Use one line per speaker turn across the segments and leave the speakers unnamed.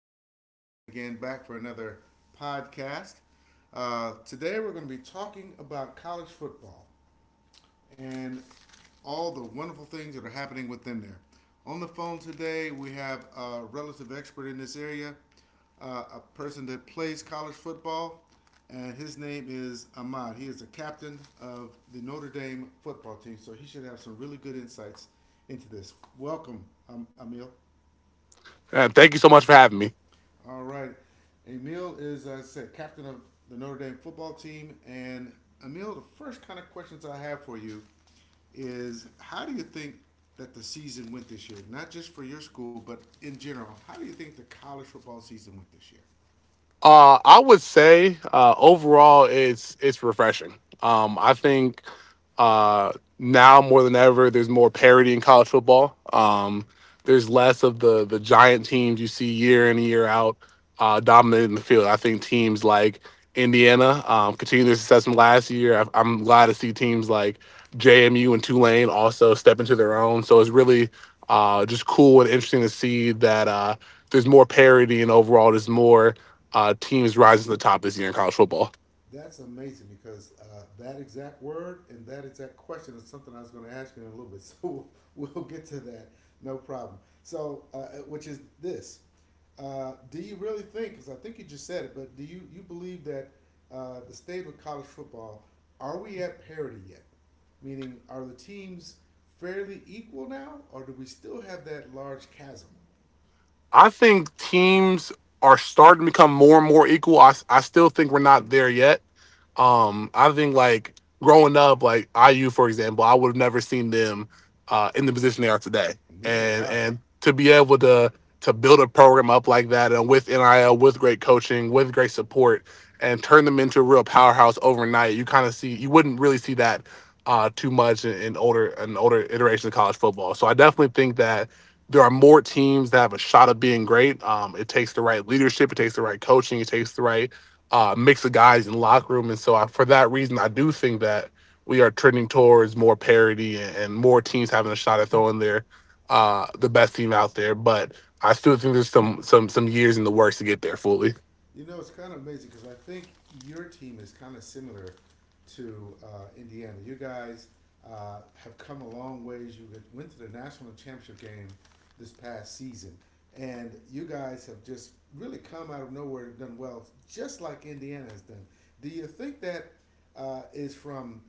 This is Tyson again, back for another podcast. Today, we're going to be talking about college football and all the wonderful things that are happening within there. On the phone today, we have a relative expert in this area, a person that plays college football, and his name is Ahmad. He is the captain of the Notre Dame football team, so he should have some really good insights into this. Welcome, Emil.
Thank you so much for having me.
All right. Emil is, as I said, captain of the Notre Dame football team. And Emil, the first kind of questions I have for you is how do you think that the season went this year? Not just for your school, but in general. How do you think the college football season went this year?
I would say overall, it's refreshing. I think uh, now more than ever, there's more parity in college football. There's less of the giant teams you see year in and year out dominating the field. I think teams like Indiana continue their success from last year. I'm glad to see teams like JMU and Tulane also step into their own. So it's really just cool and interesting to see that there's more parity, and overall there's more teams rising to the top this year in college football.
That's amazing because that exact word and that exact question is something I was going to ask you in a little bit. So we'll get to that, no problem. So, which is this: do you really think? Because I think you just said it, but do you believe that the state of college football, are we at parity yet? Meaning, are the teams fairly equal now, or do we still have that large chasm?
I think teams are starting to become more and more equal. I still think we're not there yet. I think, like growing up, like IU for example, I would have never seen them in the position they are today,
Neither would
and
I.
and to be able to build a program up like that, and with NIL, with great coaching, with great support, and turn them into a real powerhouse overnight. You kind of see you wouldn't really see that too much in older iterations of college football. So I definitely think that there are more teams that have a shot of being great. It takes the right leadership, it takes the right coaching, it takes the right mix of guys in the locker room. And so, I, for that reason, I do think that we are trending towards more parity, and more teams having a shot at throwing their the best team out there. But I still think there's some years in the works to get there fully.
You know, it's kind of amazing because I think your team is kind of similar to Indiana. You guys have come a long ways. You went to the national championship game this past season, and you guys have just really come out of nowhere and done well, just like Indiana has done. Do you think that is from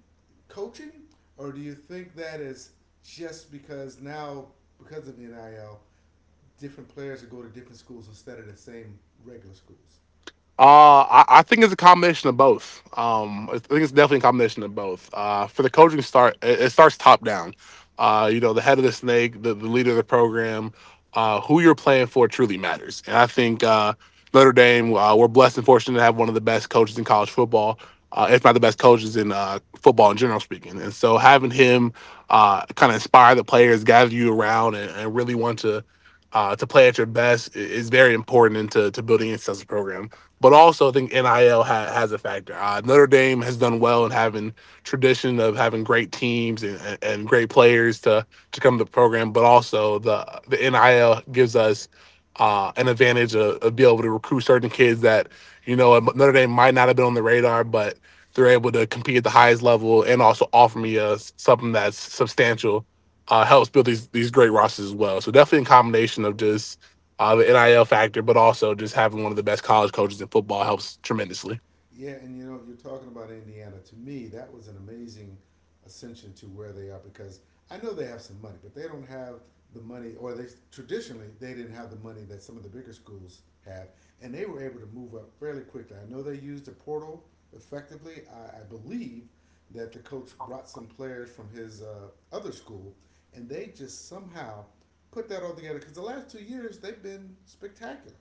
coaching, or do you think that is just because now, because of the NIL, different players will go to different schools instead of the same regular schools?
I think it's a combination of both.
Okay.
I think it's definitely a combination of both. For the coaching start, it starts top down. You know, the head of the snake, the leader of the program, who you're playing for truly matters. And I think Notre Dame, we're blessed and fortunate to have one of the best coaches in college football, if not the best coaches in football in general speaking. And so having him kind of inspire the players, gather you around, and really want to to play at your best is very important into to building a successful program. But also, I think NIL has a factor. Notre Dame has done well in having tradition of having great teams, and great players to come to the program. But also, the NIL gives us an advantage of being able to recruit certain kids that you know Notre Dame might not have been on the radar, but they're able to compete at the highest level, and also offer me something that's substantial. Helps build these great rosters as well. So definitely a combination of just the NIL factor, but also just having one of the best college coaches in football helps tremendously.
Yeah, and you know, you're talking about Indiana. To me, that was an amazing ascension to where they are because I know they have some money, but they don't have the money, or they traditionally they didn't have the money that some of the bigger schools have, and they were able to move up fairly quickly. I know they used the portal effectively. I believe that the coach brought some players from his other school, and they just somehow put that all together because the last 2 years they've been spectacular.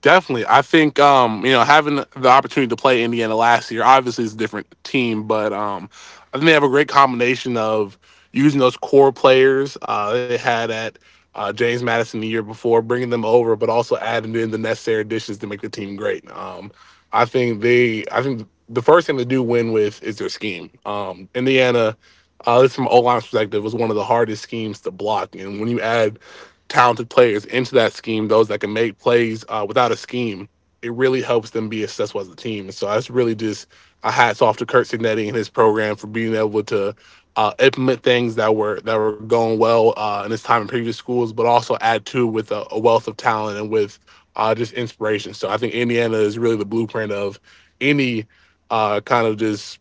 Definitely. I think you know, having the opportunity to play Indiana last year, obviously it's a different team, but I think they have a great combination of using those core players they had at James Madison the year before, bringing them over, but also adding in the necessary additions to make the team great. I think the first thing they do win with is their scheme. Indiana, at least from O line's perspective, was one of the hardest schemes to block, and when you add talented players into that scheme, those that can make plays without a scheme, it really helps them be successful as a team. And so that's really just a hats off to Kurt Signetti and his program for being able to implement things that were going well in his time in previous schools, but also add to with a wealth of talent and with just inspiration. So I think Indiana is really the blueprint of any kind of just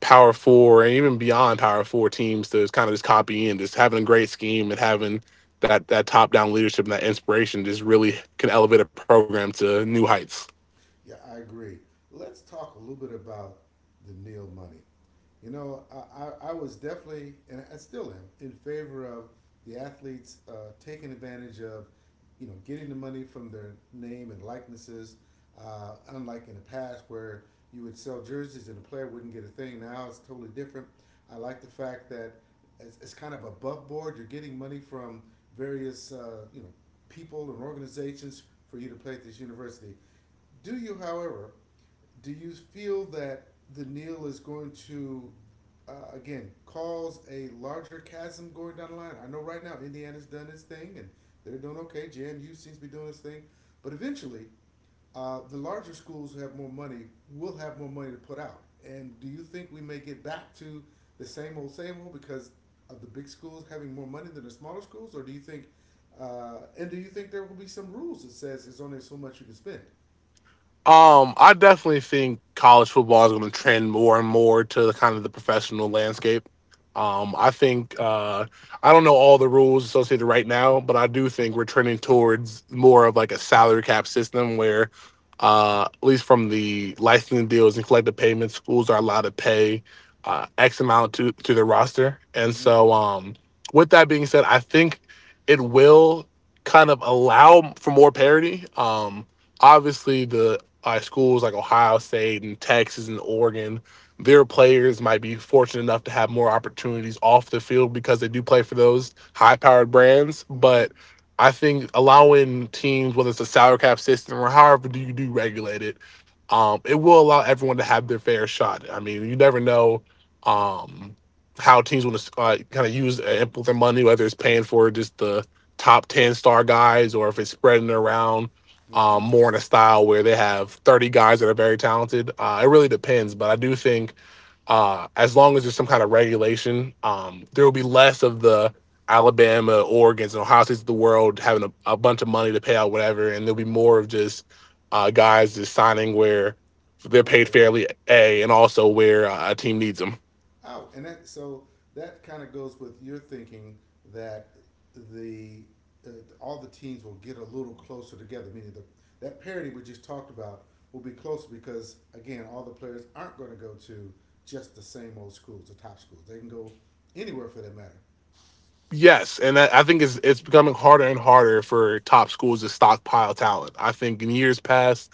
power four, and even beyond power four teams to kind of just copy in, just having a great scheme and having that top down leadership and that inspiration just really can elevate a program to new heights.
Yeah, I agree. Let's talk a little bit about the Neil money. You know, I was definitely, and I still am, in favor of the athletes taking advantage of, you know, getting the money from their name and likenesses. Unlike in the past where you would sell jerseys and the player wouldn't get a thing, now it's totally different. I like the fact that it's kind of above board. You're getting money from various, you know, people and organizations for you to play at this university. Do you, however, do you feel that the Neal is going to, again, cause a larger chasm going down the line? I know right now Indiana's done its thing and they're doing okay. JMU seems to be doing its thing, but eventually, the larger schools who have more money will have more money to put out. And do you think we may get back to the same old because of the big schools having more money than the smaller schools, or do you think? And do you think there will be some rules that says there's only so much you can spend?
I definitely think college football is going to trend more and more to the kind of the professional landscape. I think I don't know all the rules associated right now, but I do think we're trending towards more of like a salary cap system where, at least from the licensing deals and collective payments, schools are allowed to pay X amount to their roster. And
Mm-hmm.
so, with that being said, I think it will kind of allow for more parity. Obviously the schools like Ohio State and Texas and Oregon, their players might be fortunate enough to have more opportunities off the field because they do play for those high powered brands.
Mm-hmm.
But I think allowing teams, whether it's a salary cap system or however do you do regulate it, it will allow everyone to have their fair shot. I mean, you never know um, how teams want to kind of use and implement their money, whether it's paying for just the top 10 star guys or if it's spreading around
Mm-hmm.
more in a style where they have 30 guys that are very talented. It really depends, but I do think as long as there's some kind of regulation, there will be less of the Alabama, Oregon's, and Ohio States of the world having a bunch of money to pay out whatever, and there'll be more of just guys just signing where they're
Where would
paid
they want?
fairly, a and also where a team needs them.
Oh, and that, so that kind of goes with your thinking that the uh, all the teams will get a little closer together. Meaning the that parity we just talked about will be closer because again, all the players aren't going to go to just the same old schools, the top schools. They can go anywhere for that matter.
Yes, and that, I think it's becoming harder and harder for top schools to stockpile talent. I think in years past,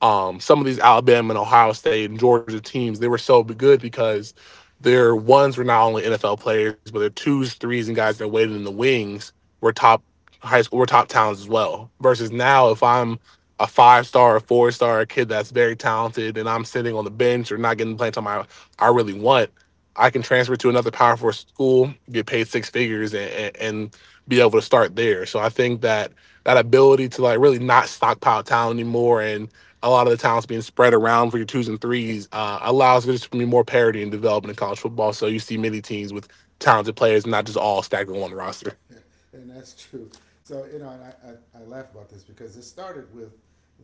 some of these Alabama and Ohio State and Georgia teams, they were good because their ones were not only NFL players, but their twos, threes, and guys that waited in the wings were top high school, were top talents as well. Versus now, if I'm a five star, a four-star kid that's very talented, and I'm sitting on the bench or not getting the play time I really want, I can transfer to another Power Four school, get paid six figures, and be able to start there. So I think that that ability to like really not stockpile talent anymore, and a lot of the talents being spread around for your twos and threes allows for just to be more parity and development in college football. So you see many teams with talented players, not just all stacked on one roster.
And that's true. So you know, and I laugh about this because it started with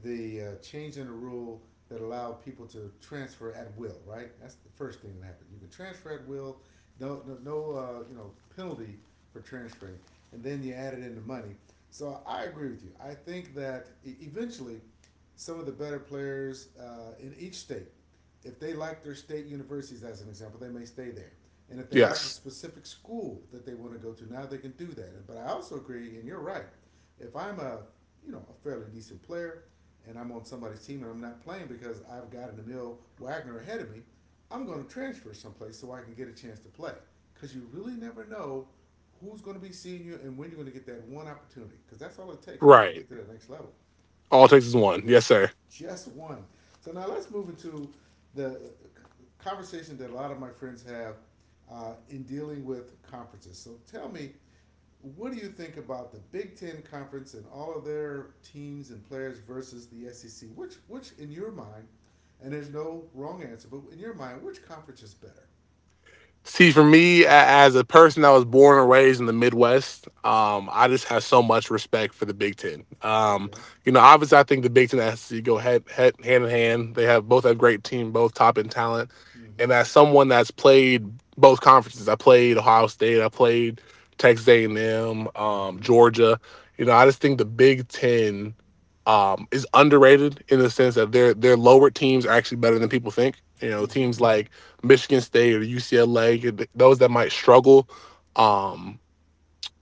the change in the rule that allowed people to transfer at will. Right, that's the first thing that happened. You can transfer at will, no, you know, penalty for transferring, and then you added in the money. So I agree with you. I think that eventually some of the better players in each state, if they like their state universities, as an example, they may stay there. And if they like a
Yes,
specific school that they want to go to, now they can do that. But I also agree, and you're right. If I'm a, you know, a fairly decent player, and I'm on somebody's team and I'm not playing because I've got an Emil Wagner ahead of me, I'm going to transfer someplace so I can get a chance to play. Because you really never know who's going to be seeing you and when you're going to get that one opportunity. Because that's all it takes, right, to
right.
get to that next level,
All Texas one. Yes, sir.
just one. So now let's move into the conversation that a lot of my friends have in dealing with conferences. So tell me, what do you think about the Big Ten conference and all of their teams and players versus the SEC? Which in your mind, and there's no wrong answer, but in your mind, which conference is better?
See, for me, as a person that was born and raised in the Midwest, I just have so much respect for the Big Ten.
Okay.
You know, obviously, I think the Big Ten has to go head hand in hand. They have both have great team, both top in talent. And
Mm-hmm.
as someone that's played both conferences, I played Ohio State, I played Texas A and M,
Mm-hmm.
Georgia. You know, I just think the Big Ten is underrated in the sense that their lower teams are actually better than people think. You know,
Mm-hmm.
teams like Michigan State or UCLA, those that might struggle. Um,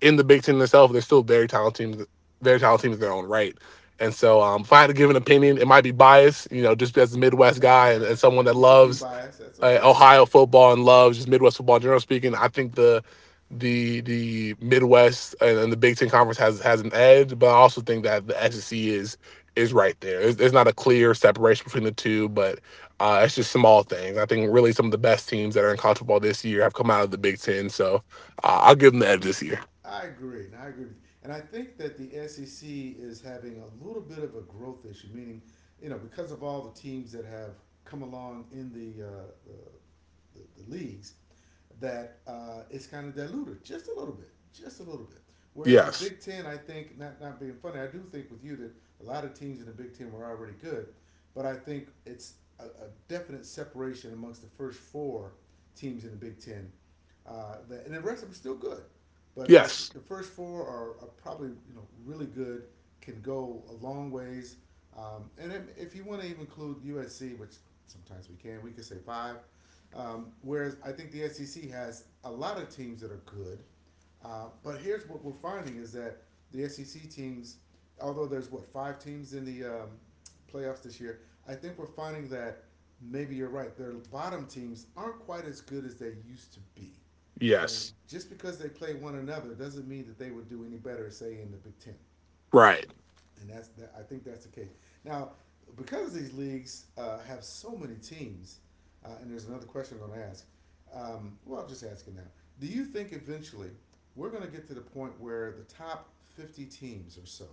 in the Big Ten itself, they're still very talented, very talented teams in their own right. And so, if I had to give an opinion, it might be biased, you know, just as a Midwest guy, and someone that
You could be
loves
biased. That's okay.
Ohio football and loves just Midwest football in general speaking. I think the Midwest and the Big Ten conference has an edge, but I also think that the SEC is right there. There's not a clear separation between the two, but it's just small things. I think really some of the best teams that are in college football this year have come out of the Big Ten, so I'll give them the edge this year.
I agree. And I agree with you. And I think that the SEC is having a little bit of a growth issue, meaning, you know, because of all the teams that have come along in the leagues, that it's kind of diluted just a little bit, just a little bit. Whereas the
Yes.
Big Ten, I think, not being funny, I do think with you that a lot of teams in the Big Ten were already good, but I think it's a definite separation amongst the first four teams in the Big Ten. That, and the rest of them are still good. But
Yes.
the first four are probably, you know, really good, can go a long ways. And if, you want to even include USC, which sometimes we can say five. Whereas I think the SEC has a lot of teams that are good. But here's what we're finding is that the SEC teams, although there's what, five teams in the playoffs this year, I think we're finding that maybe you're right. Their bottom teams aren't quite as good as they used to be. And
Yes.
just because they play one another doesn't mean that they would do any better, say, in the Big Ten,
Right.
and I think that's the case. Now, because these leagues have so many teams, and there's another question I'm going to ask. Well, I'll just ask it now. Do you think eventually we're going to get to the point where the top 50 teams or so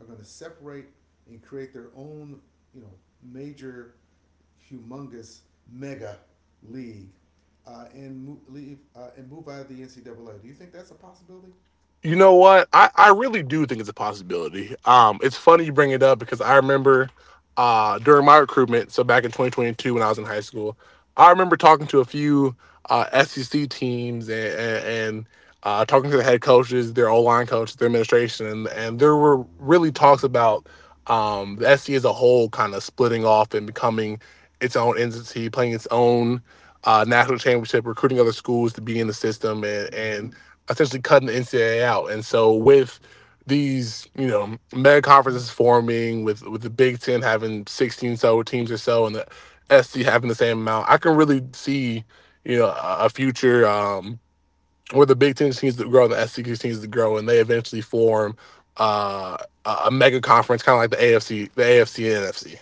are going to separate and create their own, you know, major, humongous mega league leave and move out of the NCAA? Do you think that's a possibility?
You know what? I really do think it's a possibility. It's funny you bring it up because I remember during my recruitment, so back in 2022 when I was in high school. I remember talking to a few SEC teams, and talking to the head coaches, their O line coaches, their administration, and, and, there were really talks about the SEC as a whole kind of splitting off and becoming its own entity, playing its own national championship, recruiting other schools to be in the system, and
Mm-hmm.
essentially cutting the NCAA out. And so with these, you know, mega conferences forming, with the Big Ten having 16 so teams or so, and the SC having the same amount, I can really see, you know, a future where the Big Ten teams that grow, and the SC continues that grow, and they eventually form uh, a mega conference, kind of like the AFC, the AFC and NFC.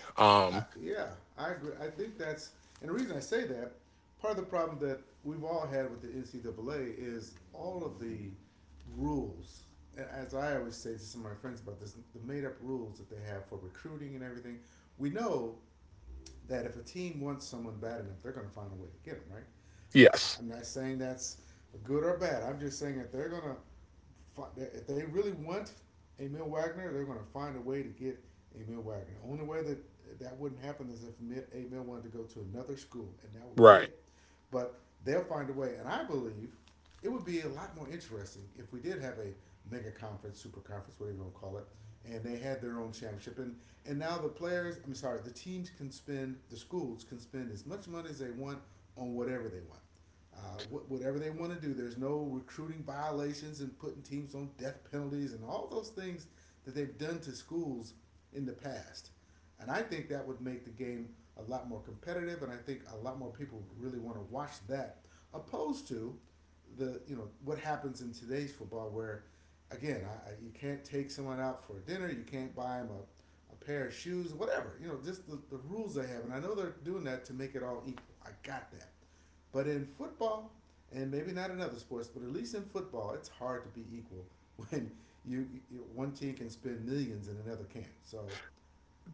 I, yeah, I agree. I think that's, and the reason I say that, part of the problem that we've all had with the NCAA is all of the rules. And as I always say to some of my friends about this, the made-up rules that they have for recruiting and everything. We know that if a team wants someone bad enough, they're going to find a way to get them, right? Uh,
Yes,
I'm not saying that's good or bad. I'm just saying that they're going to, if they really want Emil Wagner, they're going to find a way to get Emil Wagner. The only way that that wouldn't happen is if Emil wanted to go to another school, and that would be
right.
it. But they'll find a way, and I believe it would be a lot more interesting if we did have a mega conference, super conference, whatever you want to call it, and they had their own championship. And I'm sorry, the teams can spend, the schools can spend as much money as they want on whatever they want. Whatever they want to do, there's no recruiting violations and putting teams on death penalties and all those things that they've done to schools in the past. And I think that would make the game a lot more competitive, and I think a lot more people really want to watch that, opposed to the you know what happens in today's football, where you can't take someone out for dinner, you can't buy them a pair of shoes, whatever just the rules they have. And I know they're doing that to make it all equal. I got that, but in football, and maybe not in other sports, but at least in football, it's hard to be equal when you, you one team can spend millions and another can't. So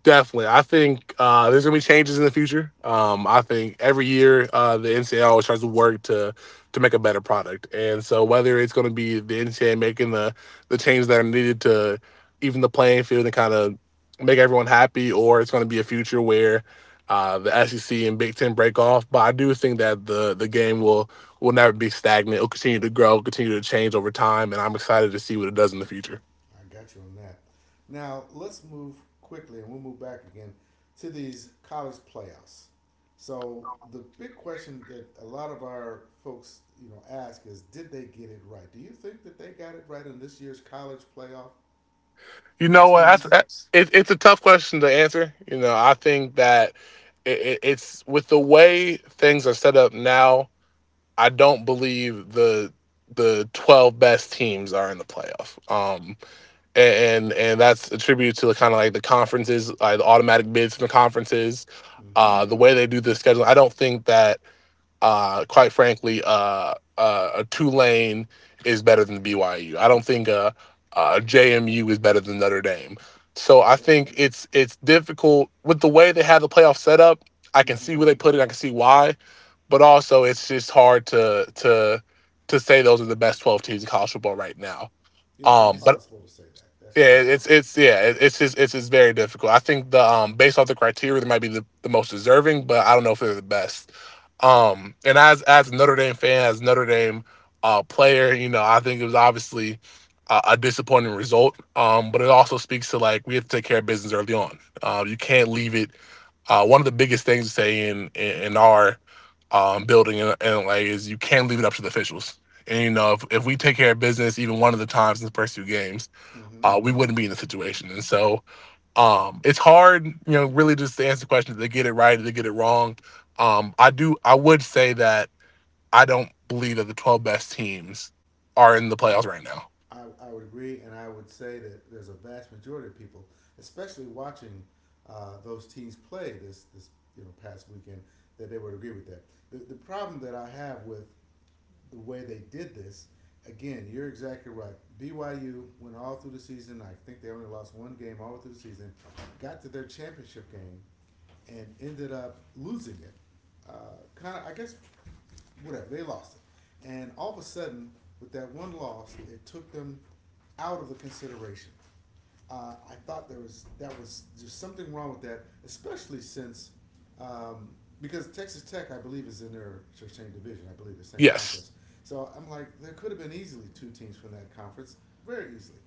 Definitely. I think there's going to be changes in the future. I think every year the NCAA always tries to work to make a better product. And so whether it's going to be the NCAA making the changes that are needed to even the playing field and kind of make everyone happy, or it's going to be a future where the SEC and Big Ten break off. But I do think that the game will never be stagnant. It'll continue to grow, continue to change over time. And I'm excited to see what it does in the future.
I got you on that. Now let's move quickly, and we'll move back again to these college playoffs. So the big question that a lot of our folks ask is, did they get it right? Do you think that they got it right in this year's college playoff?
You
The
know what? That's,
teams.
that's it's a tough question to answer. You know, I think that it's with the way things are set up now. I don't believe the 12 best teams are in the playoff. And that's attributed to the kind of like the conferences, like the automatic bids from the conferences,
Mm-hmm.
the way they do the scheduling. I don't think that. Quite frankly, a Tulane is better than BYU. I don't think JMU is better than Notre Dame. So I
Yes.
think it's difficult with the way they have the playoff set up. I can
Mm-hmm.
see where they put it. I can see why, but also it's just hard to to say those are the best 12 teams in college football right now.
It's
But
impossible to say that. That's
yeah,
correct.
it's yeah, it- it's just very difficult. I think the based off the criteria, they might be the most deserving, but I don't know if they're the best. And as a Notre Dame fan, as a Notre Dame player, you know, I think it was obviously a disappointing result. But it also speaks to like we have to take care of business early on. You can't leave it. One of the biggest things to say in in our building in LA is you can't leave it up to the officials. And you know, if we take care of business even one of the times in the first two games
Mm-hmm.
we wouldn't be in the situation. And so it's hard, you know, really just to answer questions. They get it right, they get it wrong. I do. I would say that I don't believe that the 12 best teams are
I,
in the playoffs right now.
I, I would agree, and I would say that there's a vast majority of people, especially watching those teams play this past weekend, that they would agree with that. The problem that I have with the way they did this, again, you're exactly right. BYU went all through the season. I think they only lost one game all through the season. Got to their championship game and ended up losing it. Uh, Kind of, I guess, whatever. They lost it, and all of a sudden, with that one loss, it took them out of the consideration. I thought there's something wrong with that, especially since um, because Texas Tech, I believe, is in their same division. I believe the same
Yes,
conference. So I'm like, there could have been easily two teams from that conference, very easily.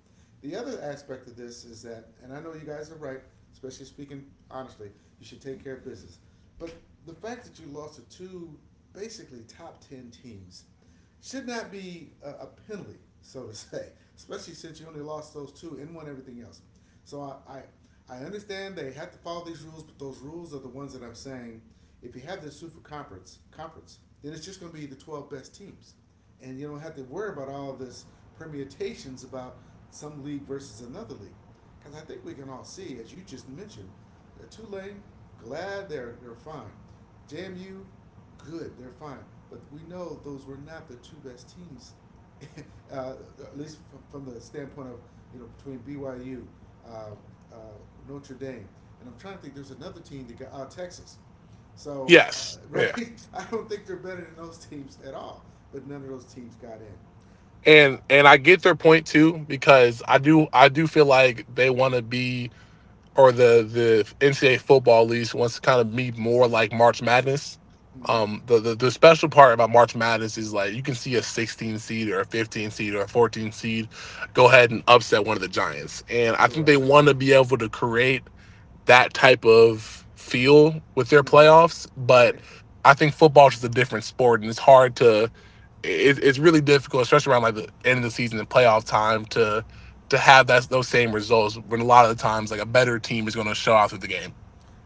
The other aspect of this is that, and I know you guys are right, especially speaking honestly, you should take care of business. But the fact that you lost to two basically top 10 teams should not be a penalty, so to say, especially since you only lost those two and won everything else. So I understand they have to follow these rules, but those rules are the ones that I'm saying. If you have this super conference, then it's just going to be the 12 best teams, and you don't have to worry about all of this permutations about some league versus another league. Because I think we can all see, as you just mentioned, that Tulane, glad they're fine. JMU, good, they're fine. But we know those were not the two best teams, uh, at least from the standpoint of between BYU, uh, uh, Notre Dame, and I'm trying to think. There's another team that got out, Texas. So,
yes, yeah.
right, I don't think they're better than those teams at all. But none of those teams got in.
And I get their point too because I do feel like they want to be or the NCAA football leagues wants to kind of be more like March Madness.
Mm.
The special part about March Madness is like you can see a 16 seed or a 15 seed or a 14 seed go ahead and upset one of the giants, and I think they
Correct.
want to be able to create that type of feel with their
Hmm.
playoffs. But
Right.
I think football is just a different sport, and it's hard to it's really difficult, especially around like the end of the season and playoff time, to have that those same results when a lot of the times like a better team is going to show out through the game.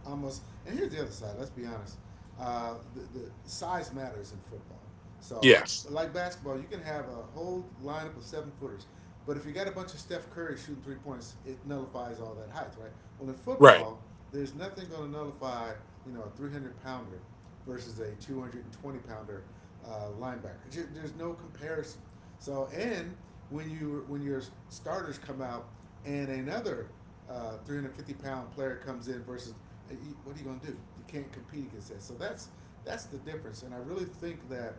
Almost. And here's the other side. Let's be honest. The size matters in football. So,
Yes.
like basketball, you can have a whole lineup of seven footers, but if you got a bunch of Steph Curry shooting three points, it nullifies all that height, right? Well, in
Right.
football, there's nothing going to nullify a 300 pounder versus a 220 pounder linebacker. There's no comparison. So, and when your starters come out and another 350 pound player comes in versus uh, what are you going to do? You can't compete against that. So that's the difference, and I really think that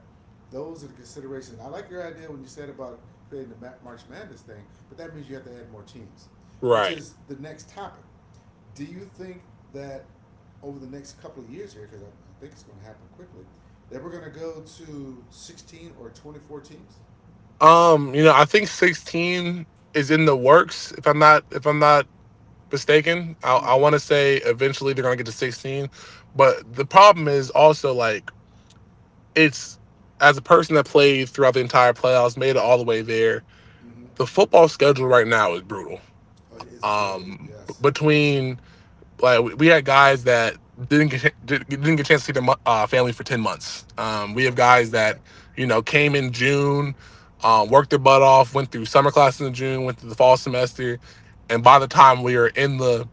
those are the considerations. I like your idea when you said about creating the March Madness thing, but that means you have to add more teams, which
Right.
is the next topic. Do you think that over the next couple of years here, because I think it's going to happen quickly, that we're going to go to 16 or 24 teams?
You know, I think 16 is in the works. If I'm not mistaken, I
Mm-hmm.
want to say eventually they're going to get to 16. But the problem is also like it's as a person that played throughout the entire playoffs, made it all the way there.
Mm-hmm.
The football schedule right now is brutal.
Oh, it's brutal.
Um,
Yes.
between Like We had guys that didn't get a chance to see their family for 10 months. We have
Right.
guys that you know came in June, worked their butt off, went through summer classes in June, went through the fall semester, and by the time we are in the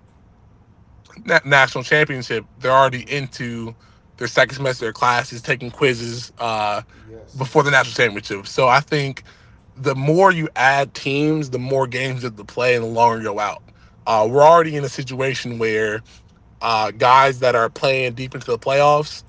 national championship, they're already
Mm-hmm.
into their second semester of classes, taking quizzes
Yes.
before the national championship. So I think the more you add teams, the more games you have to play, and the longer you go out. We're already in a situation where guys that are playing deep into the playoffs,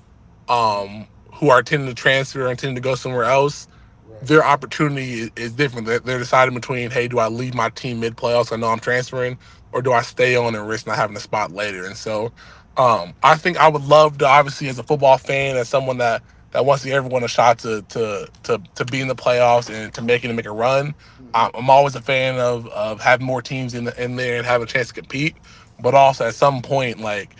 Mm-hmm.
um, who are tending to transfer and tending to go somewhere else,
Right.
their opportunity is different. They're deciding between, hey, do I leave my team mid playoffs? I know I'm transferring, or do I stay on and risk not having a spot later? And so, I think I would love to, obviously, as a football fan, as someone that wants to give everyone a shot to be in the playoffs and to make it and make a run.
Mm-hmm.
I- I'm always a fan of having more teams in the, in there and have a chance to compete. But
Right.
also at some point, like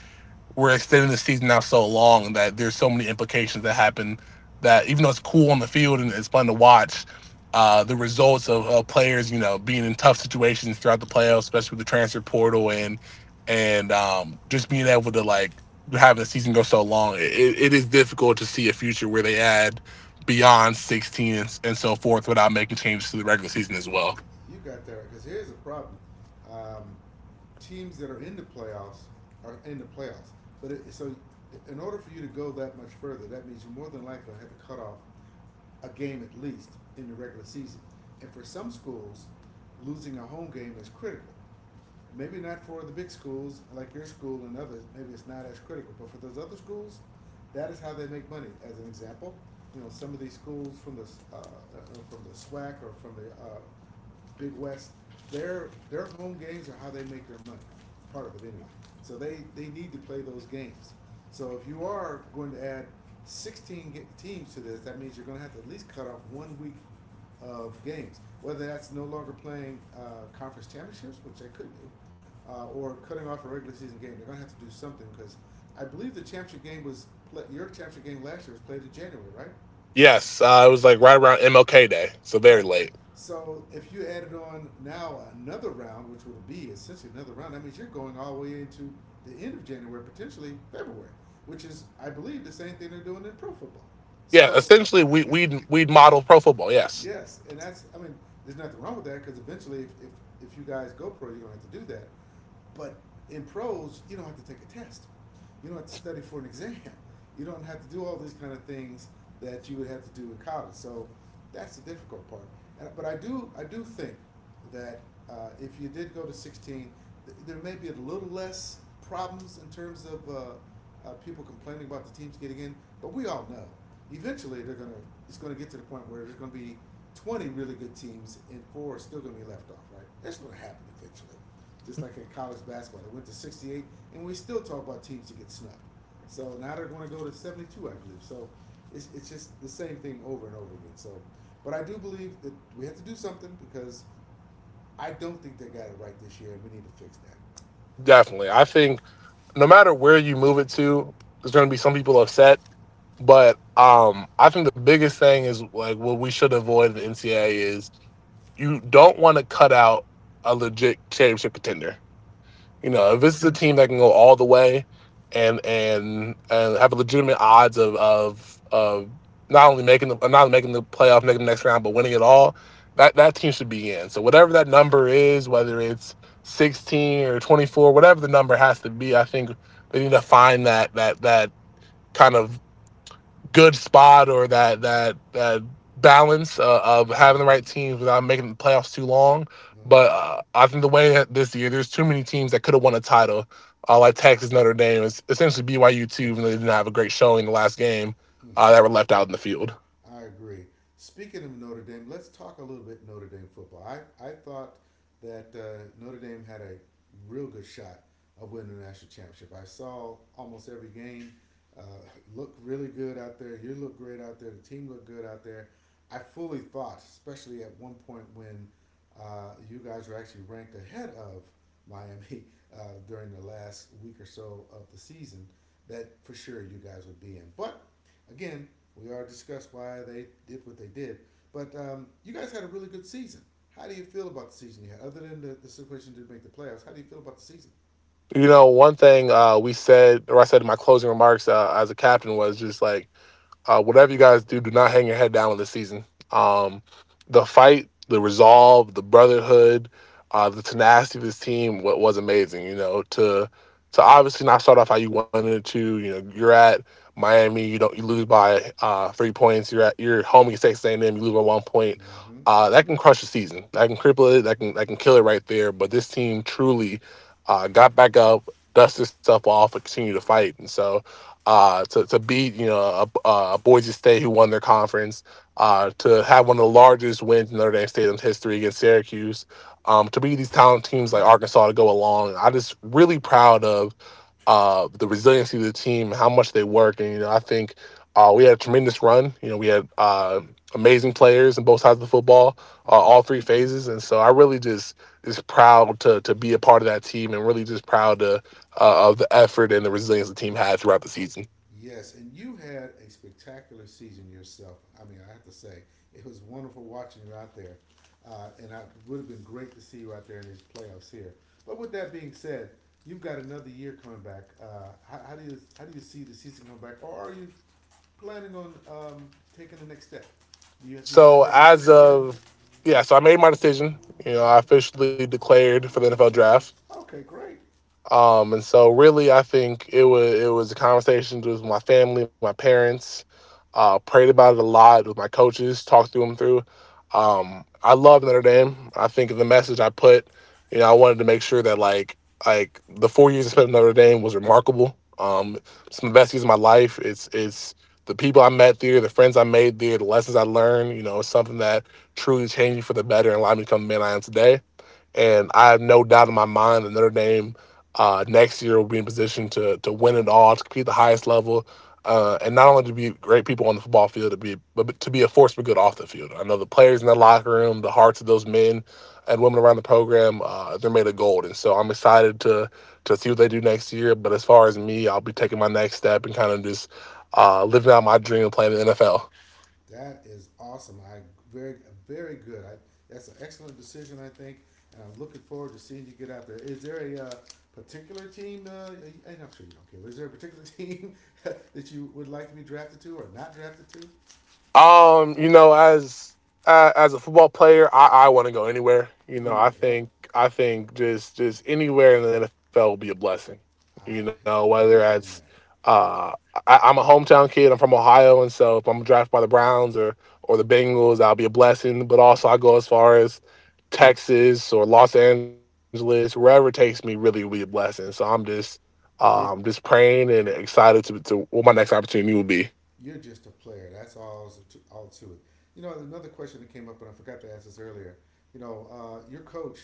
we're extending the season now so long that there's so many implications that happen that even though it's cool on the field and it's fun to watch, the results of players, you know, being in tough situations throughout the playoffs, especially with the transfer portal and just being able to like having the season go so long, it is difficult to see a future where they add beyond 16 and, so forth without making changes to the regular season as well.
You got that right. Because here's the problem: um, teams that are in the playoffs are in the playoffs. But so, in order for you to go that much further, that means you more than likely have to cut off a game at least in the regular season. And for some schools, losing a home game is critical. Maybe not for the big schools like your school and others. Maybe it's not as critical, but for those other schools, that is how they make money. As an example, some of these schools from uh, uh, the SWAC or from the Big West, their home games are how they make their money. Part of it anyway. So they need to play those games. So if you are going to add 16 teams to this, that means you're going to have to at least cut off one week of games. Whether that's no longer playing conference championships, which they could do, or cutting off a regular season game, they're going to have to do something because I believe the championship game was play, your championship game last year was played in January, right?
Yes, it
Yeah,
was like right around MLK Day, so very
right.
late.
So if you added on now another round, which would be essentially another round, that means you're going all the way into the end of January, potentially February, which is, I believe, the same thing they're doing in pro football.
Yeah,
So
essentially, we we'd we'd model pro football. Yes,
Yes, and that's I mean, there's nothing wrong with that because eventually, if you guys go pro, you're gonna have to do that. But in pros, you don't have to take a test. You don't have to study for an exam. You don't have to do all these kind of things that you would have to do in college. So that's the difficult part. But I do think that if you did go to 16, there may be a little less problems in terms of people complaining about the teams getting in. But we all know eventually they're gonna it's gonna get to the point where there's gonna be 20 really good teams and four are still gonna be left off. Right? That's gonna happen eventually, just like in college basketball. They went to 68, and we still talk about teams that get snubbed. So now they're going to go to 72, I believe. So it's just the same thing over and over again. So, but I do believe that we have to do something because I don't think they got it right this year, and we need to fix that.
definitely. I think no matter where you move it to, there's going to be some people upset. But I think the biggest thing is like what we should avoid in the NCAA is you don't want to cut out a legit championship contender. You know,
Right.
if this is a team that can go all the way and have a legitimate odds of not only making the playoff, making the next round, but winning it all, that team should be in. So whatever that number is, whether it's 16 or 24, whatever the number has to be, I think they need to find that kind of good spot or that balance of having the
Mm-hmm.
right teams without making the playoffs too long.
Mm-hmm.
But I think the way that this year, there's too many teams that could have won a title, like Texas, Notre Dame, it's essentially BYU too, even though they didn't have a great showing in the last game,
Mm,
that were
yep.
left out in the field.
I agree. Speaking of Notre Dame, let's talk a little bit Notre Dame football. I thought that Notre Dame had a real good shot of winning the national championship. I saw almost every game. Uh, Look really good out there. You look great out there. The team looked good out there. I fully thought, especially at one point when you guys were actually ranked ahead of Miami uh, during the last week or so of the season, that for sure you guys would be in. But again, we already discussed why they did what they did. But you guys had a really good season. How do you feel about the season you had? Other than the situation didn't make the playoffs, how do you feel about the season?
You know, one thing we said, or I said in my closing remarks as a captain was just like, whatever you guys do, do not hang your head down on this season. Um, the fight, the resolve, the brotherhood, the tenacity of this team was amazing. You know, to obviously not start off how you wanted to. You know, you're at Miami, you don't you lose by 3 points. You're at your home against Texas A&M, you lose by 1 point.
Mm-hmm.
That can crush the season. That can cripple it. That can kill it right there. But this team truly got back up, dusted itself off, and continued to fight. And so to beat you know a Boise State who won their conference, to have one of the largest wins in Notre Dame Stadium's history against Syracuse, to beat these talented teams like Arkansas to go along. I just really proud of the resiliency of the team, how much they work, and you know I think we had a tremendous run. You know we had amazing players in both sides of the football,
Mm-hmm.
all three phases, and so I really just is proud to be a part of that team and really just proud to of the effort and the resilience the team had throughout the season.
Yes, and you had a spectacular season yourself. I mean, I have to say, it was wonderful watching you out there. And it would have been great to see you out there in these playoffs here. But with that being said, you've got another year coming back. How do you see the season coming back, or are you planning on taking the next step? Do you, you haven't
So
made a
as
decision yet?
of yeah, so I made my decision. You know, I officially declared for the NFL draft.
Okay, great.
And so really, I think it was a conversation with my family, my parents. Prayed about it a lot with my coaches, talked through them through. I love Notre Dame. I think the message I put, you know, I wanted to make sure that like the 4 years I spent at Notre Dame was remarkable. Some of the best years of my life. It's the people I met there, the friends I made there, the lessons I learned. You know, it's something that truly changed me for the better and allowed me to become the man I am today, and I have no doubt in my mind that Notre Dame, next year, will be in position to win it all, to compete at the highest level, and not only to be great people on the football field, to be but to be a force for good off the field. I know the players in the locker room, the hearts of those men and women around the program, they're made of gold, and so I'm excited to see what they do next year. But as far as me, I'll be taking my next step and kind of just living out my dream of playing in the NFL.
That is awesome. I very very good. I that's an excellent decision, I think, and I'm looking forward to seeing you get out there. Is there a particular team? And I'm sure you don't care, but is there a particular team that you would like to be drafted to or not drafted to?
You know, as a football player, I want to go anywhere. You know,
Anyway,
I
yep,
think I think just anywhere in the NFL will be a blessing. You know,
I'm
whether that's
I'm with you on that.
uh, I'm a hometown kid. I'm from Ohio, and so if I'm drafted by the Browns or the Bengals, that'll be a blessing. But also, I go as far as Texas or Los Angeles, wherever it takes me, really will be a blessing. So I'm just just
You're
praying and excited to what my next opportunity will be.
You're just a player. That's all to it. You know, another question that came up, and I forgot to ask this earlier. You know, your coach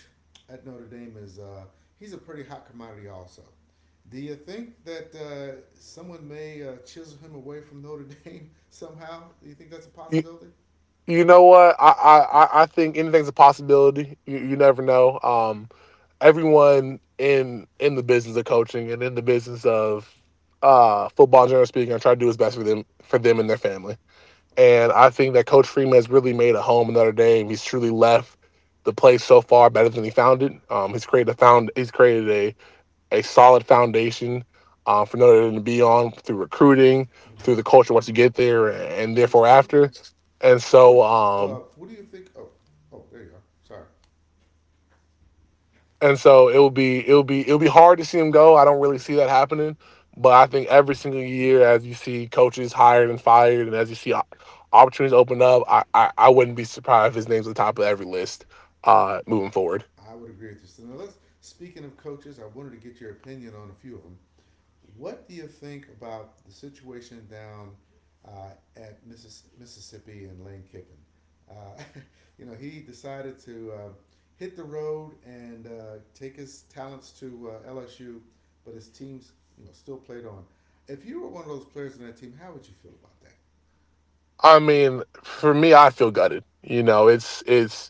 at Notre Dame is he's a pretty hot commodity, also. Do you think that someone may chisel him away from Notre Dame somehow? Do you think that's a
You,
possibility?
you know what? I think anything's a possibility. You never know. Everyone in the business of coaching and in the business of football, generally speaking, are trying to do his best for them and their family. And I think that Coach Freeman has really made a home another day, and he's truly left the place so far better than he found it. He's created a solid foundation, for Notre Dame to be on through recruiting, through the culture once you get there, and
That is
therefore
true.
after. And
What
so, um,
What do you think? Oh, oh, there you are. Sorry,
And so it'll be hard to see him go. I don't really see that happening, but I think every single year, as you see coaches hired and fired, and as you see opportunities open up, I wouldn't be surprised if his name's at the top of every list, moving forward.
I would agree with you. So now let's. Speaking of coaches, I wanted to get your opinion on a few of them. What do you think about the situation down uh, at Mississippi and Lane Kiffin? Uh, you know, he decided to hit the road and take his talents to LSU, but his team's you know still played on. If you were one of those players on that team, how would you feel about that?
I mean, for me, I feel gutted. You know, it's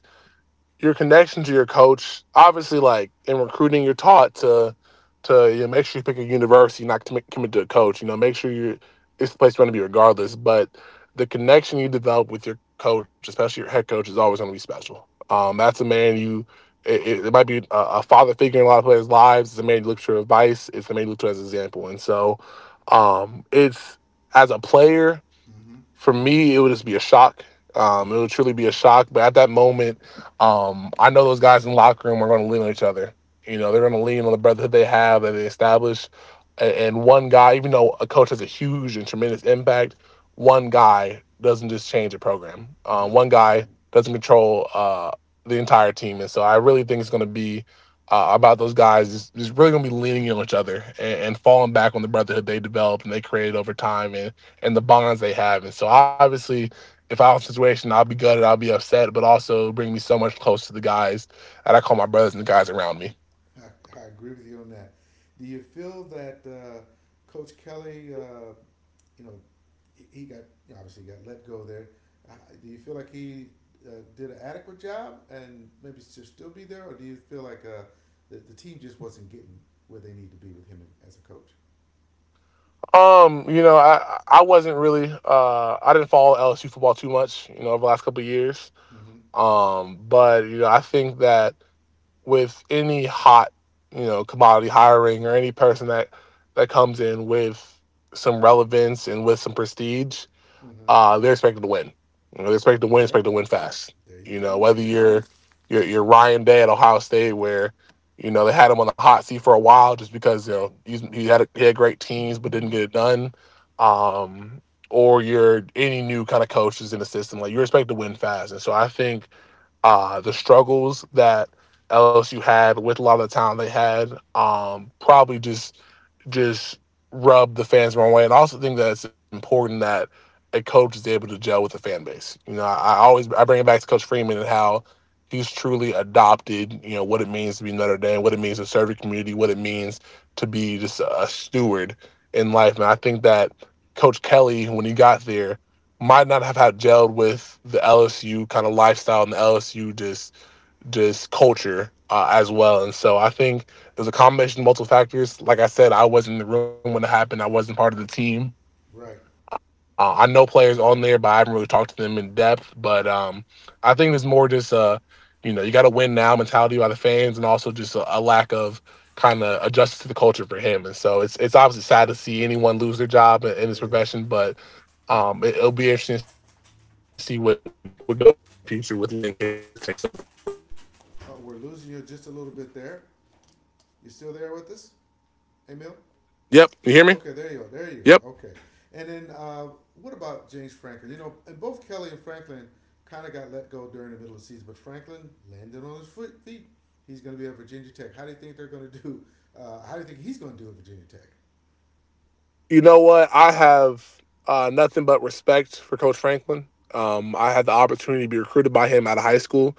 your connection to your coach, obviously, like in recruiting, you're taught to you know make sure you pick a university, not commit, commit to a coach. You know, make sure you it's the place you want to be regardless. But the connection you develop with your coach, especially your head coach, is always going to be special. That's a
Mm-hmm.
man you. It might be a father figure in a lot of players' lives. It's a man you look to for advice. It's the man you look to as an example. And so, it's as a player,
Mm-hmm.
for me, it would just be a shock. It
Yep.
would truly be a shock. But at that moment, I know those guys in the locker room are going to lean on each other. You know, they're going to lean on the brotherhood they have that they established. And one guy, even though a coach has a huge and tremendous impact, one guy doesn't just change a program.
Nope.
One guy doesn't control the entire team. And so I really think it's going to be about those guys just really going to be leaning on each other, and falling back on the brotherhood they developed and they created over time. And the bonds they have. And so obviously, if I was in a situation, I'll be gutted, I'll be upset, but also bring me so much close to the guys that I call my brothers and the guys around me.
I agree with you on that. Do you feel that Coach Kelly, you know, he got obviously got let go there. Uh, do you feel like he did an adequate job and maybe should still be there, or do you feel like the team just wasn't getting where they need to be with him as a coach?
You know, I wasn't really I didn't follow LSU football too much, you know, over the last couple of years.
Mm-hmm.
But you know, I think that with any hot, you know, commodity hiring or any person that comes in with some relevance and with some prestige,
Mm-hmm.
they're expected to win. You know, they're
Yeah.
expected to win fast.
There you
You know,
go.
whether you're Ryan Day at Ohio State, where you know they had him on the hot seat for a while just because you know he had he had great teams but didn't get it done. Um, or you're any new kind of coaches in the system, like you're expected to win fast, and so I think the struggles that LSU had with a lot of the talent they had, probably just rubbed the fans the wrong way. And I also think that it's important that a coach is able to gel with the fan base. You know, I bring it back to Coach Freeman and how he's truly adopted. You know what it means to be Notre Dame, what it means to serve your community, what it means to be just a steward in life. And I think that Coach Kelly, when he got there, might not have had gelled with the LSU kind of lifestyle and the LSU just culture, as well. And so I think it was a combination of multiple factors. Like I said, I wasn't in the room when it happened. I wasn't part of the team.
Right.
I know players on there, but I haven't really talked to them in depth. But I think there's more just, you know, you got to win now mentality by the fans, and also just a lack of kind of adjusting to the culture for him. And so it's obviously sad to see anyone lose their
It
job
is.
in this profession, but it'll be interesting to see what, what goes on in the future with Lane Kiffin as it takes over the role.
Oh, we're losing you just a little bit there. You still there with us, Emil?
Yep, you hear me?
Okay, there you go. There you
Yep.
go. Okay. And then what about James Franklin? You know, and both Kelly and Franklin kind of got let go during the middle of the season, but Franklin landed on his feet. He's going to be at Virginia Tech. How do you think they're going to do? How do you think he's going to do at Virginia Tech?
You know what? I have nothing but respect for Coach Franklin. I had the opportunity to be recruited by him out of high school.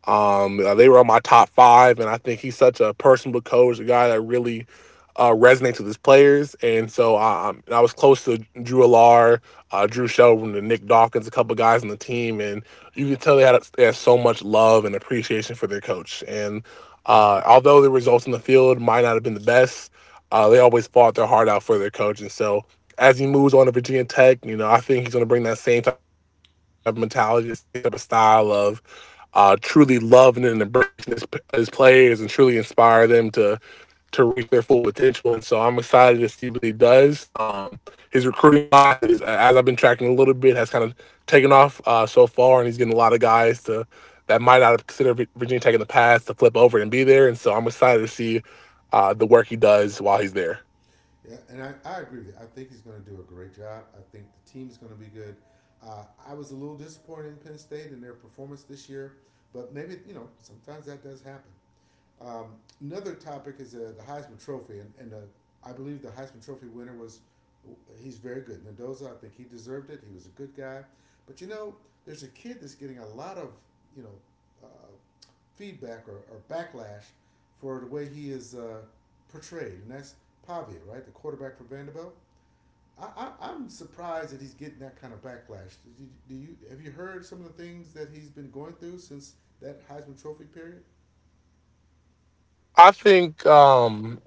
They were on my top five, and I think he's such a personable coach, a guy that really, resonates with his players. And so I was close to Drew Alar, Drew Shelvin, to Nick Dawkins, a couple guys on the team, and you could tell they had so much love and appreciation for their coach. And
Mm-hmm.
although the results in the field might not have been the best, they always fought their heart out for their coach. And so as he moves on to Virginia Tech, you know, I think he's going to bring that same type of mentality, the same type of style of, truly loving and embracing his players and truly inspire them to reach their full potential. And so I'm excited to see what he does. His recruiting class is, as I've been tracking a little bit, has kind of taken off so far, and he's getting a lot of guys to that might not have considered Virginia Tech in the past to flip over and be there. And so I'm excited to see the work he does while he's there.
Yeah, and I agree with you. I think he's going to do a great job. I think the team's going to be good. I was a little disappointed in Penn State and their performance this year, but maybe, you know, sometimes that does happen. Um, another topic is the Heisman Trophy, and, I believe the Heisman Trophy winner was he's very good. Mendoza, I think he deserved it. He was a good guy, but you know, there's a kid that's getting a lot of you know uh, feedback or backlash for the way he is portrayed, and that's Pavia, right, the quarterback for Vanderbilt. I, I'm surprised that he's getting that kind of backlash. Do you, have you heard some of the things that he's been going through since that Heisman Trophy period?
I think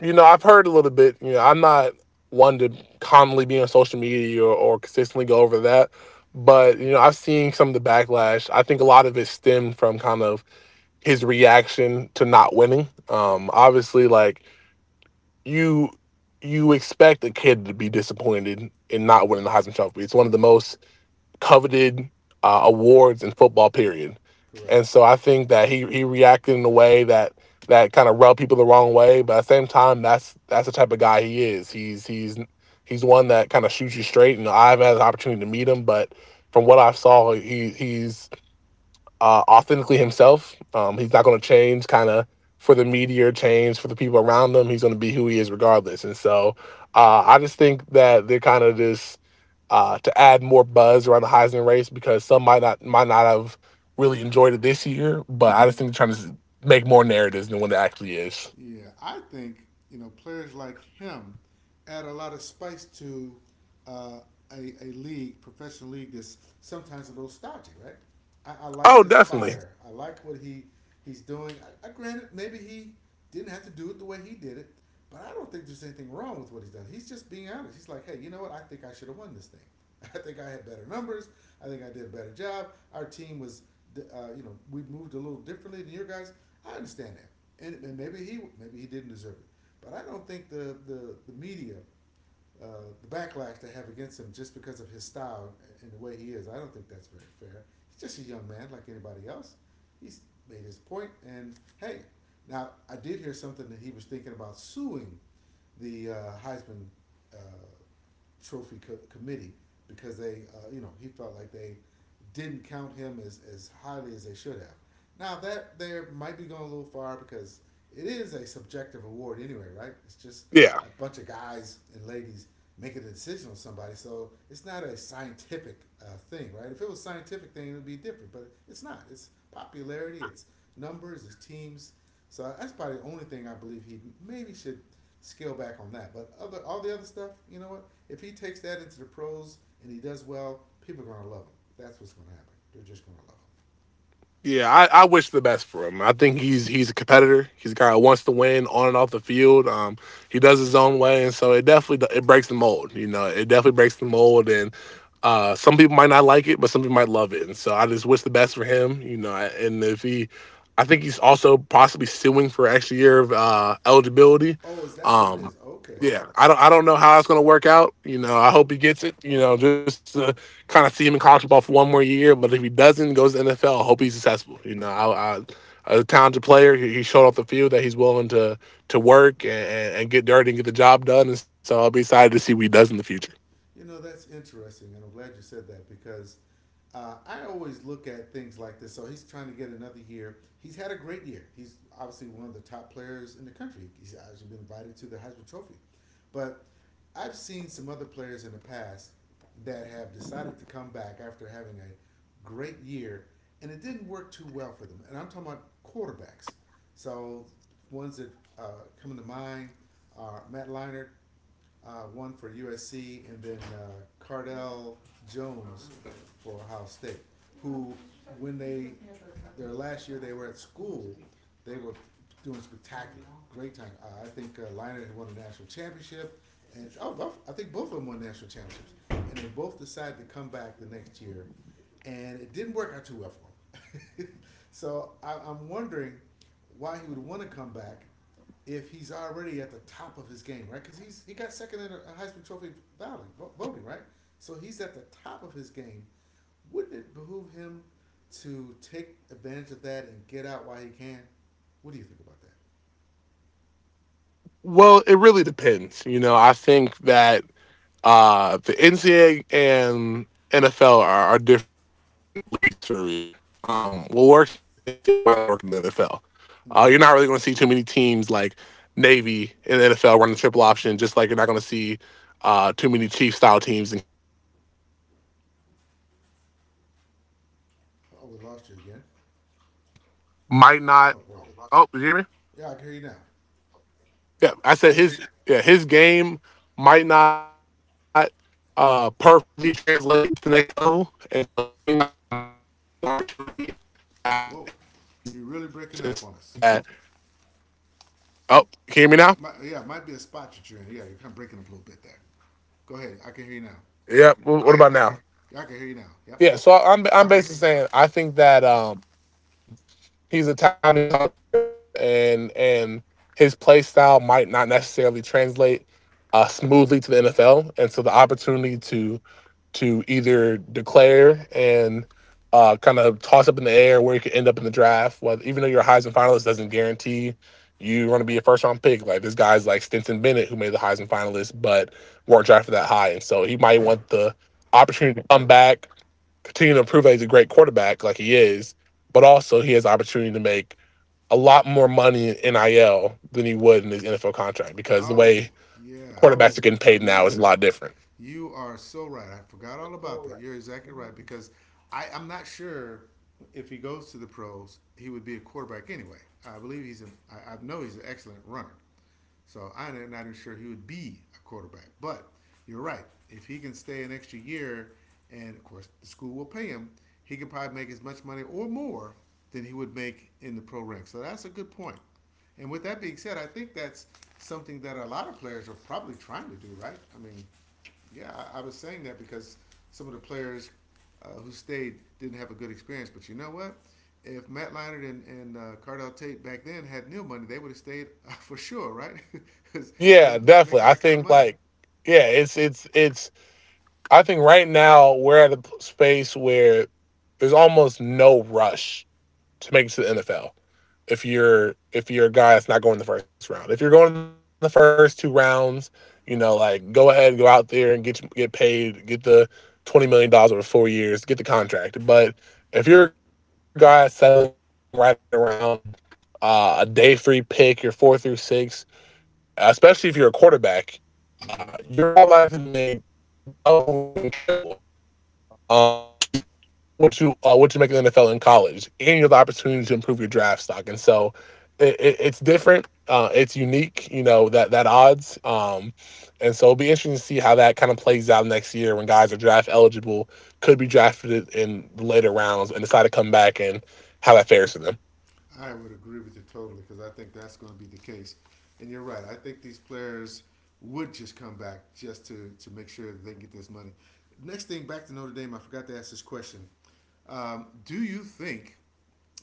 you know, I've heard a little bit. You know, I'm not one to commonly be on social media, or consistently go over that. But, you know, I've seen some of the backlash. I think a lot of it stemmed from kind of his reaction to not winning. Obviously, like you, you expect a kid to be disappointed in not
Mm-hmm.
winning the Heisman Trophy. It's one of the most coveted, awards in football. Period.
Correct.
And so I think that he reacted in a way that kind of rubbed people the wrong way. But at the same time, that's the type of guy he is. He's one that kind of shoots you straight. And I haven't had the opportunity to meet him, but from what I saw, he's authentically himself. He's not going to change kind of for the media or change for the people around him. He's going to be who he is regardless. And so I just think that they're kind of just, to add more buzz around the Heisman race because some might not have really enjoyed it this year, but I
Mm-hmm.
just think they're trying to make more narratives than what it actually is.
Yeah, I think you know players like him add a lot of spice to uh, a league, professional league that's sometimes a little stodgy, right? I like
Oh,
his
definitely.
fire. I like what he's doing. I granted maybe he didn't have to do it the way he did it, but I don't think there's anything wrong with what he's done. He's just being honest. He's like, hey, you know what? I think I should have won this thing. I think I had better numbers. I think I did a better job. Our team was, you know, we moved a little differently than your guys. I understand that and maybe he didn't deserve it. But I don't think the media, uh, the backlash they have against him just because of his style and the way he is, I don't think that's very fair. He's just a young man like anybody else. He's made his point, and hey, now I did hear something that he was thinking about suing the Heisman uh, Trophy committee because they, you know, he felt like they didn't count him as highly as they should have. Now that there might be going a little far because it is a subjective award anyway, right? It's just a
Yeah.
bunch of guys and ladies making a decision on somebody, so it's not a scientific thing, right? If it was a scientific thing, it would be different, but it's not. It's popularity, it's numbers, it's teams. So that's probably the only thing I believe he maybe should scale back on that. But other all the other stuff, you know what? If he takes that into the pros and he does well, people are gonna love him. That's what's gonna happen. They're just gonna love him.
Yeah, I wish the best for him. I think he's a competitor. He's a guy who wants to win on and off the field. He does his own way, and so it definitely it breaks the mold. You know, it definitely breaks the mold, and, some people might not like it, but some people might love it. And so I just wish the best for him. You know, and if he, I think he's also possibly suing for an extra year of, eligibility.
Oh, is that what it
Um,
is? Okay.
yeah, I don't know how it's gonna work out. You know, I hope he gets it. You know, just to kind of see him in college ball for one more year. But if he doesn't, goes to NFL, I hope he's successful. You know, a talented player. He showed off the field that he's willing to work and get dirty and get the job done. And so I'll be excited to see what he does in the future.
You know, that's interesting, and I'm glad you said that because I always look at things like this. So he's trying to get another year. He's had a great year. He's obviously one of the top players in the country. He's actually been invited to the Heisman Trophy. But I've seen some other players in the past that have decided to come back after having a great year, and it didn't work too well for them. And I'm talking about quarterbacks. So ones that uh, come to mind are Matt Leinart, one for USC, and then Cardell Jones for Ohio State, who, when they, their last year they were at school, they were doing spectacular, great time. I think Liner had won a national championship, and oh, I think both of them won national championships, and they both decided to come back the next year, and it didn't work out too well for them. So I'm wondering why he would want to come back if he's already at the top of his game, right? Because he's he got second in a Heisman Trophy voting, voting, right? So he's at the top of his game. Wouldn't it behoove him to take advantage of that and get out while he can? What do you think about that?
Well, it really depends. You know, I think that the NCAA and NFL are different leagues for a reason. What works in the NCAA might not work in the NFL. You're not really going to see too
Mm-hmm.
many teams like Navy in the NFL running the triple option, just like you're not going to see too many Chief style teams in
Oh, we lost you again. Oh, there you
Might
go.
not. Oh, you
Yeah,
hear
I
me?
can hear you now.
Yeah, I said his game might not perfectly translate to the next level, and so he might want to maximize his opportunity at his current
Whoa,
position in college. And
you're
so I
really
think
breaking up
that.
on us.
Oh, can you hear me now?
Yeah, it might be a spot that you're in. Yeah, you're kind of breaking up a little bit there. Go ahead. I can hear you now.
Yeah. What about now?
Yeah, I can hear you now. Yep.
Yeah. So I'm basically saying I think that he's a talented college player, and his play style might not necessarily translate smoothly to the NFL, and so the opportunity to either declare and kind of toss up in the air where you could end up in the draft. Whether even though you're a Heisman finalist doesn't guarantee you're going to be a first round pick. Like this guy's like Stinson Bennett, who made the Heisman finalist but weren't drafted that high, and so he might want the opportunity to come back, continue to prove that he's a great quarterback like he is, but also he has the opportunity to make a lot more money in NIL than he would in his NFL contract, because the
Oh,
way
yeah.
quarterbacks are getting paid now is a lot different.
You are so right. I forgot all about that. You're exactly right because I'm not sure if he goes to the pros, he would be a quarterback anyway. I know he's an excellent runner. So I'm not even sure he would be a quarterback. But you're right. If he can stay an extra year, and of course the school will pay him, he could probably make as much money or more than he would make in the pro ranks. So that's a good point. And with that being said, I think that's something that a lot of players are probably trying to do, right? I mean, yeah, I was saying that because some of the players who stayed didn't have a good experience. But you know what? If Matt Leinart and Cardell Tate back then had nil money, they would have stayed for sure, right? Because
Yeah,
they're
definitely.
making
I
that kind of
think
money.
like yeah, it's I think right now we're at a space where there's almost no rush to make it to the NFL. If you're a guy that's not going the first round. If you're going in the first two rounds, you know, like go ahead, go out there and get paid, get the $20 million over 4 years, get the contract. But if you're a guy that's settling right around a day 3 pick, your 4 through 6, especially if you're a quarterback,
Mm-hmm.
you're more likely to make double or even triple um what you make in the NFL in college, and you have the opportunity to improve your draft stock. And so it's different. It's unique, you know, that that odds, and so it'll be interesting to see how that kind of plays out next year when guys are draft eligible, could be drafted in the later rounds, and decide to come back and how that fares to them.
I would agree with you totally because I think that's going to be the case. And you're right. I think these players would just come back just to make sure that they can get this money. Next thing, back to Notre Dame. I forgot to ask this question. Do you think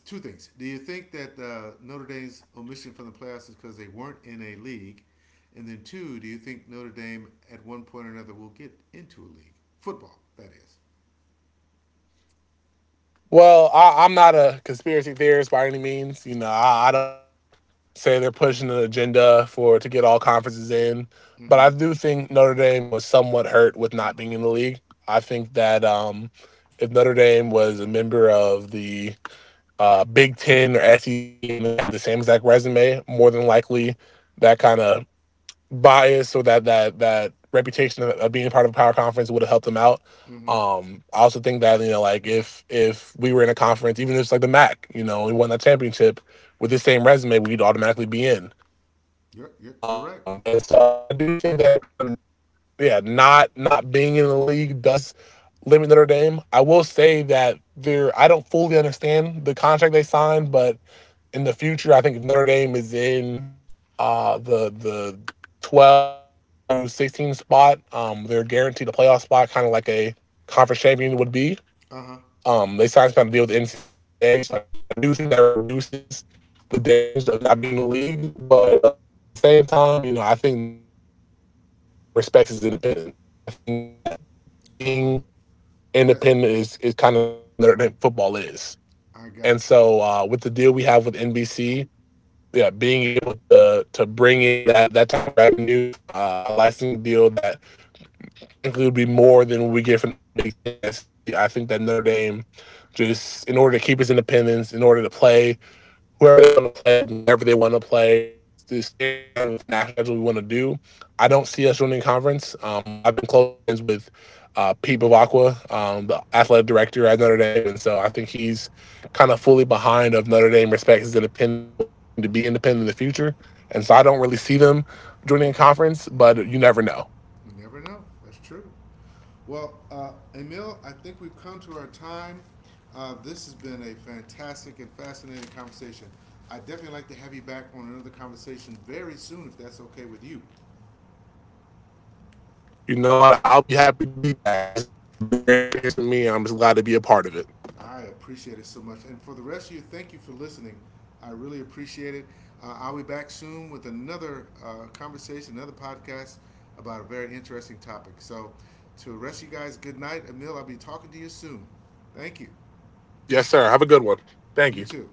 two things. Do you think that Notre Dame's omission from the playoffs is because they weren't in a league? And then two, do you think Notre Dame at one point or another will get into a league? Football, that is.
Well, I'm not a conspiracy theorist by any means. You know, I don't want to say they're pushing an agenda for to get all conferences in, but
Mm-hmm.
I do think Notre Dame was somewhat hurt with not being in the league. I think that if Notre Dame was a member of the Big Ten or SEC and they had the same exact resume, more than likely that kind of bias or that reputation of being part of a power conference would have helped them out.
Mm-hmm.
I also think that, you know, like if we were in a conference, even if it's like the MAC, you know, we won that championship with the same resume, we'd automatically be in.
You're you're you're right.
And so I do think that kind of yeah, not being in the league does limit Notre Dame. I will say that there, I don't fully understand the contract they signed, but in the future. I think if Notre Dame is in the 12, 11 through 16 spot, they're guaranteed a playoff spot, kind of like a conference champion would be.
Uh-huh.
They signed some kind of deal with the NCAA, so I do think that reduces the damage of not being in the league. But at the same time, you know, I think Notre Dame respects its independence. I think that being
Uh-oh.
independent
Yes,
is kind of part of what Notre Dame football is.
I
And
got you.
so with the deal we have with NBC, yeah, being able to bring in that type of revenue from a licensing deal that frankly would be more than we get from the Big Ten and SEC, I think that Notre Dame, just in order to keep its independence, in order to play whoever they want to play, whenever they want to play, and just stay aligned with the national schedule we want to do. I don't see us joining a conference. I've been close friends with Pete Bavacqua, the athletic director at Notre Dame, and so I think he's kind of fully behind of Notre Dame respects his independence and wants to continue to be independent in the future. And so I don't really see them joining a conference,
Mm-hmm.
but you never know.
You never know. That's true. Well, Emil, I think we've come to our time. This has been a fantastic and fascinating conversation. I definitely like to have you back on another conversation very soon, if that's okay with you.
You know what? I'll be happy to be back. This has been a great experience for me. I'm just glad to be a part of it.
I appreciate it so much. And for the rest of you, thank you for listening. I really appreciate it. I'll be back soon with another conversation, another podcast about a very interesting topic. So, to the rest of you guys, good night. Emil, I'll be talking to you soon. Thank you.
Yes, sir. Have a good one. Thank
You
you.
too.